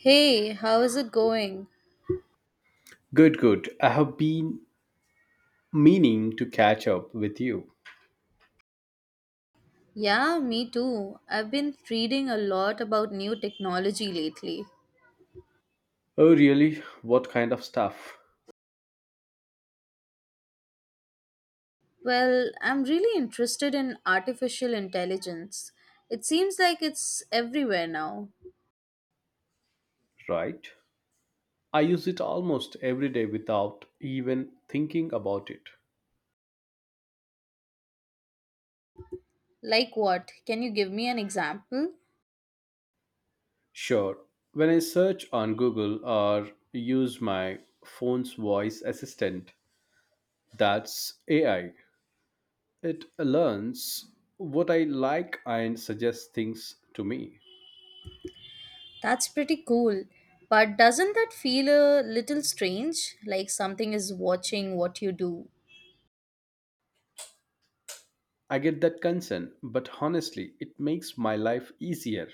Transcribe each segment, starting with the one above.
Hey, how is it going? Good, good. I have been meaning to catch up with you. Yeah, me too. I've been reading a lot about new technology lately. Oh, really? What kind of stuff? Well, I'm really interested in artificial intelligence. It seems like it's everywhere now. Right? I use it almost every day without even thinking about it. Like what? Can you give me an example? Sure. When I search on Google or use my phone's voice assistant, that's AI. It learns what I like and suggests things to me. That's pretty cool. But doesn't that feel a little strange? Like something is watching what you do? I get that concern, but honestly, it makes my life easier.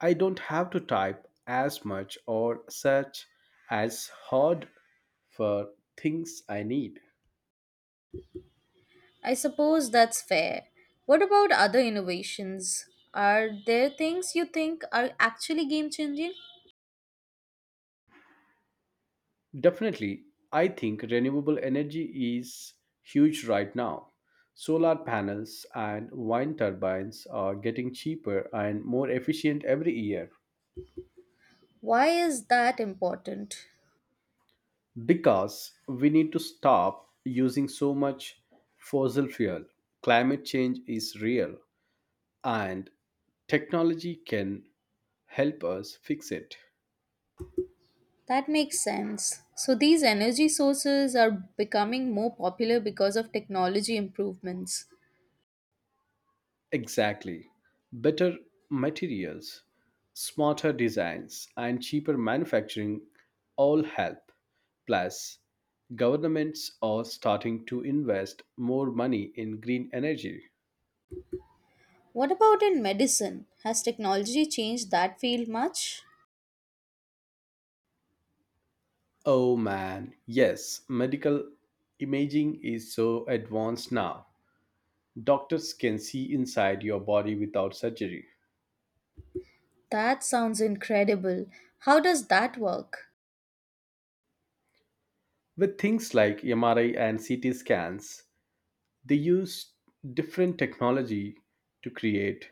I don't have to type as much or search as hard for things I need. I suppose that's fair. What about other innovations? Are there things you think are actually game changing? Definitely, I think renewable energy is huge right now. Solar panels and wind turbines are getting cheaper and more efficient every year Why is that important? because we need to stop using so much fossil fuel. Climate change is real and technology can help us fix it. That makes sense. So, these energy sources are becoming more popular because of technology improvements. Exactly. Better materials, smarter designs, and cheaper manufacturing all help. Plus, governments are starting to invest more money in green energy. What about in medicine? Has technology changed that field much? Oh man, yes, medical imaging is so advanced now. Doctors can see inside your body without surgery. That sounds incredible. How does that work? With things like MRI and CT scans, they used different technology to create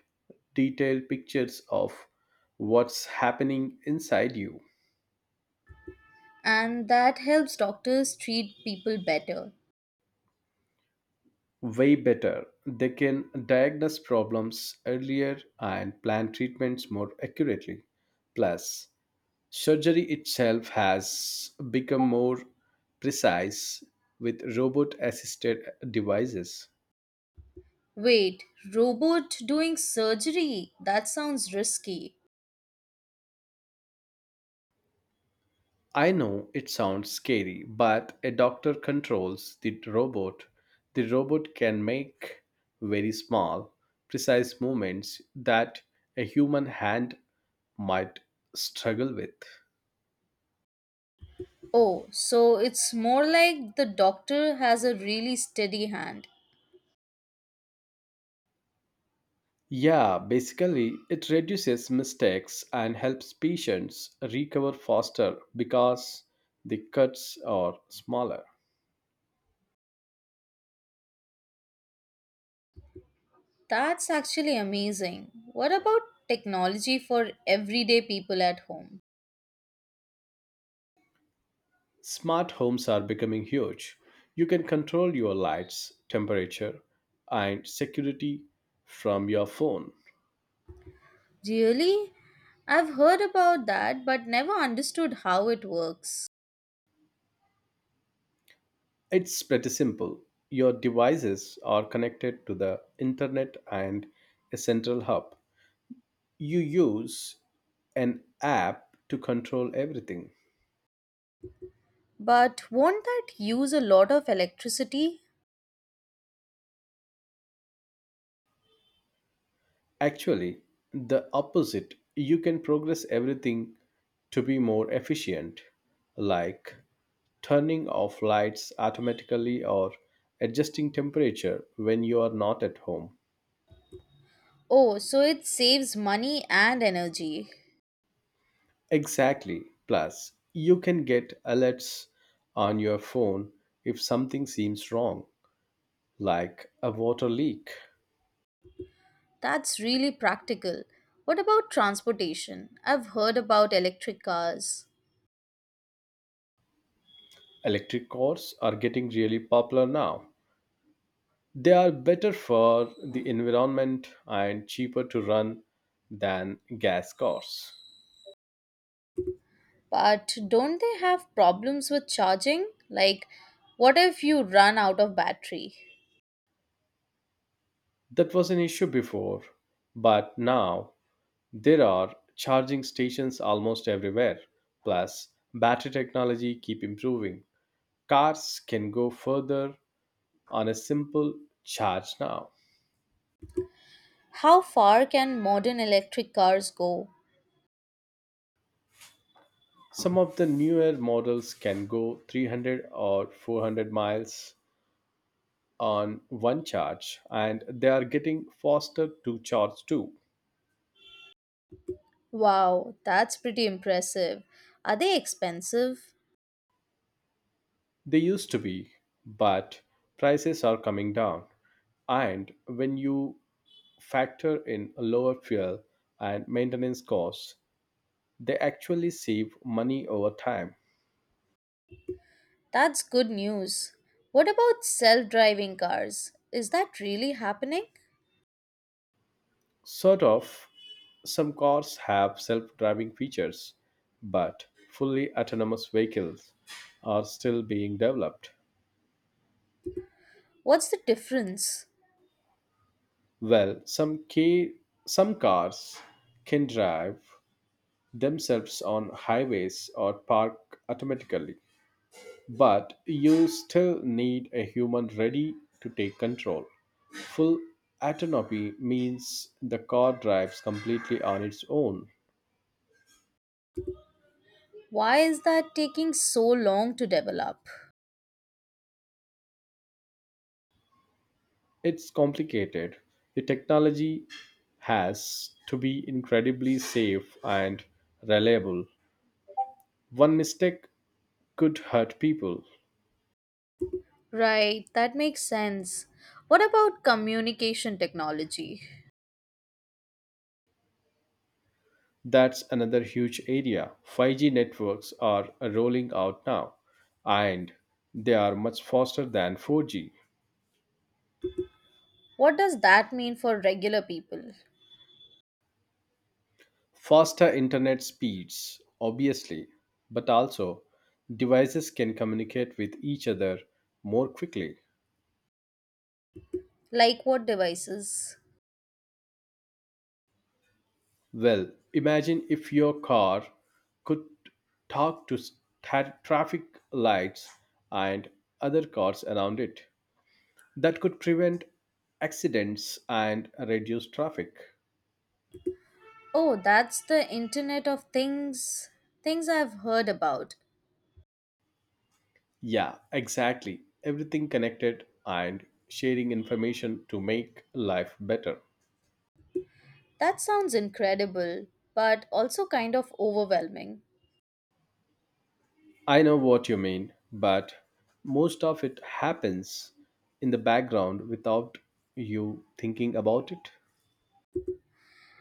detailed pictures of what's happening inside you. And that helps doctors treat people better. Way better, they can diagnose problems earlier and plan treatments more accurately. Plus, surgery itself has become more precise with robot assisted devices. Wait, robot doing surgery? That sounds risky. I know it sounds scary, but a doctor controls the robot. The robot can make very small, precise movements that a human hand might struggle with. Oh, so it's more like the doctor has a really steady hand. Yeah, basically, it reduces mistakes and helps patients recover faster because the cuts are smaller. That's actually amazing. What about technology for everyday people at home? Smart homes are becoming huge. You can control your lights, temperature, and security from your phone. Really? I've heard about that but never understood how it works. It's pretty simple. Your devices are connected to the internet and a central hub. You use an app to control everything. But won't that use a lot of electricity? Actually, the opposite. You can progress everything to be more efficient, like turning off lights automatically or adjusting temperature when you are not at home. Oh, so it saves money and energy. Exactly. Plus, you can get alerts on your phone if something seems wrong, like a water leak. That's really practical. What about transportation? I've heard about electric cars, Electric cars are getting really popular now. They are better for the environment and cheaper to run than gas cars. but don't they have problems with charging? Like, what if you run out of battery? That was an issue before, but now there are charging stations almost everywhere. Plus, battery technology keep improving. Cars can go further on a simple charge now. How far can modern electric cars go? Some of the newer models can go 300 or 400 miles on one charge and they are getting faster to charge too. Wow, that's pretty impressive. Are they expensive? They used to be, but prices are coming down. And when you factor in lower fuel and maintenance costs, they actually save money over time. That's good news. What about self driving cars? Is that really happening? Sort of, some cars have self driving features, but fully autonomous vehicles are still being developed. What's the difference? Well, some cars can drive themselves on highways or park automatically, but you still need a human ready to take control. Full autonomy means the car drives completely on its own. Why is that taking so long to develop? It's complicated. The technology has to be incredibly safe and reliable. One mistake could hurt people. Right, that makes sense. What about communication technology? That's another huge area. 5G networks are rolling out now, and they are much faster than 4G. What does that mean for regular people? Faster internet speeds, obviously, but also devices can communicate with each other more quickly. Like what devices? Well, imagine if your car could talk to traffic lights and other cars around it. That could prevent accidents and reduce traffic. Oh, that's the Internet of Things. Things I've heard about. Yeah, exactly. Everything connected and sharing information to make life better. That sounds incredible, but also kind of overwhelming. I know what you mean, but most of it happens in the background without you thinking about it.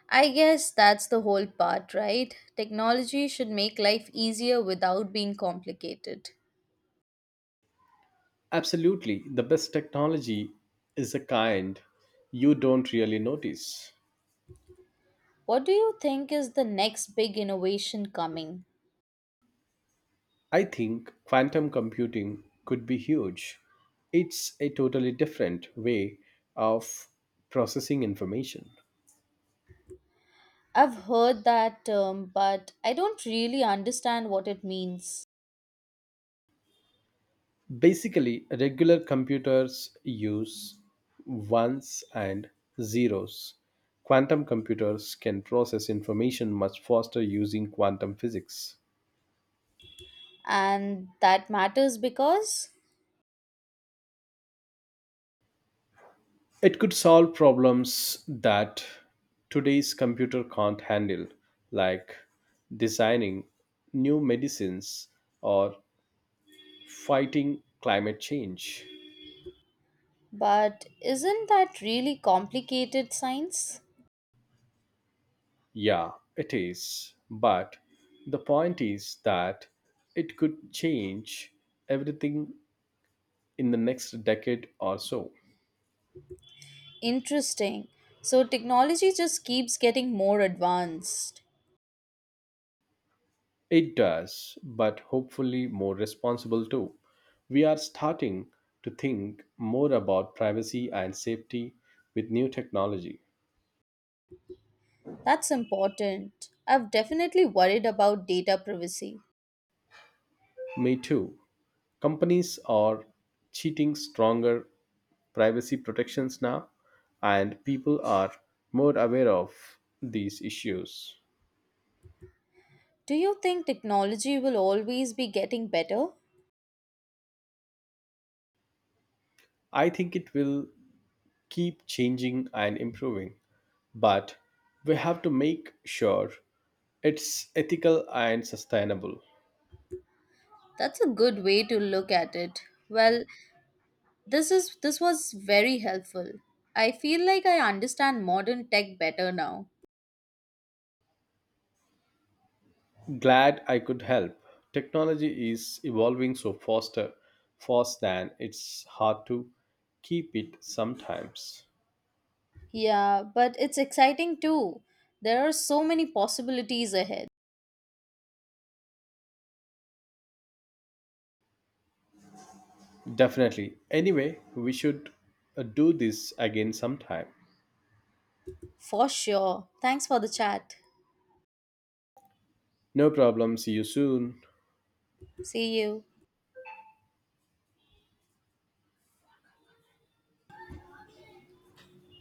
I guess that's the whole part, right? Technology should make life easier without being complicated. Absolutely. The best technology is the kind you don't really notice. What do you think is the next big innovation coming? I think quantum computing could be huge. It's a totally different way of processing information. I've heard that term, but I don't really understand what it means. Basically, regular computers use ones and zeros. Quantum computers can process information much faster using quantum physics. And that matters because. It could solve problems that today's computer can't handle, like designing new medicines or fighting climate change. But isn't that really complicated science? Yeah, it is. But the point is that it could change everything in the next decade or so. Interesting. So technology just keeps getting more advanced. It does, but hopefully more responsible too. We are starting to think more about privacy and safety with new technology. That's important. I've definitely worried about data privacy. Me too. Companies are cheating stronger privacy protections now, and people are more aware of these issues. Do you think technology will always be getting better? I think it will keep changing and improving, but we have to make sure it's ethical and sustainable. That's a good way to look at it. Well, this was very helpful. I feel like I understand modern tech better now. Glad I could help. Technology is evolving so fast than it's hard to keep it sometimes. Yeah, but it's exciting too. There are so many possibilities ahead. Definitely. Anyway, we should do this again sometime. For sure. Thanks for the chat. No problem. See you soon. See you.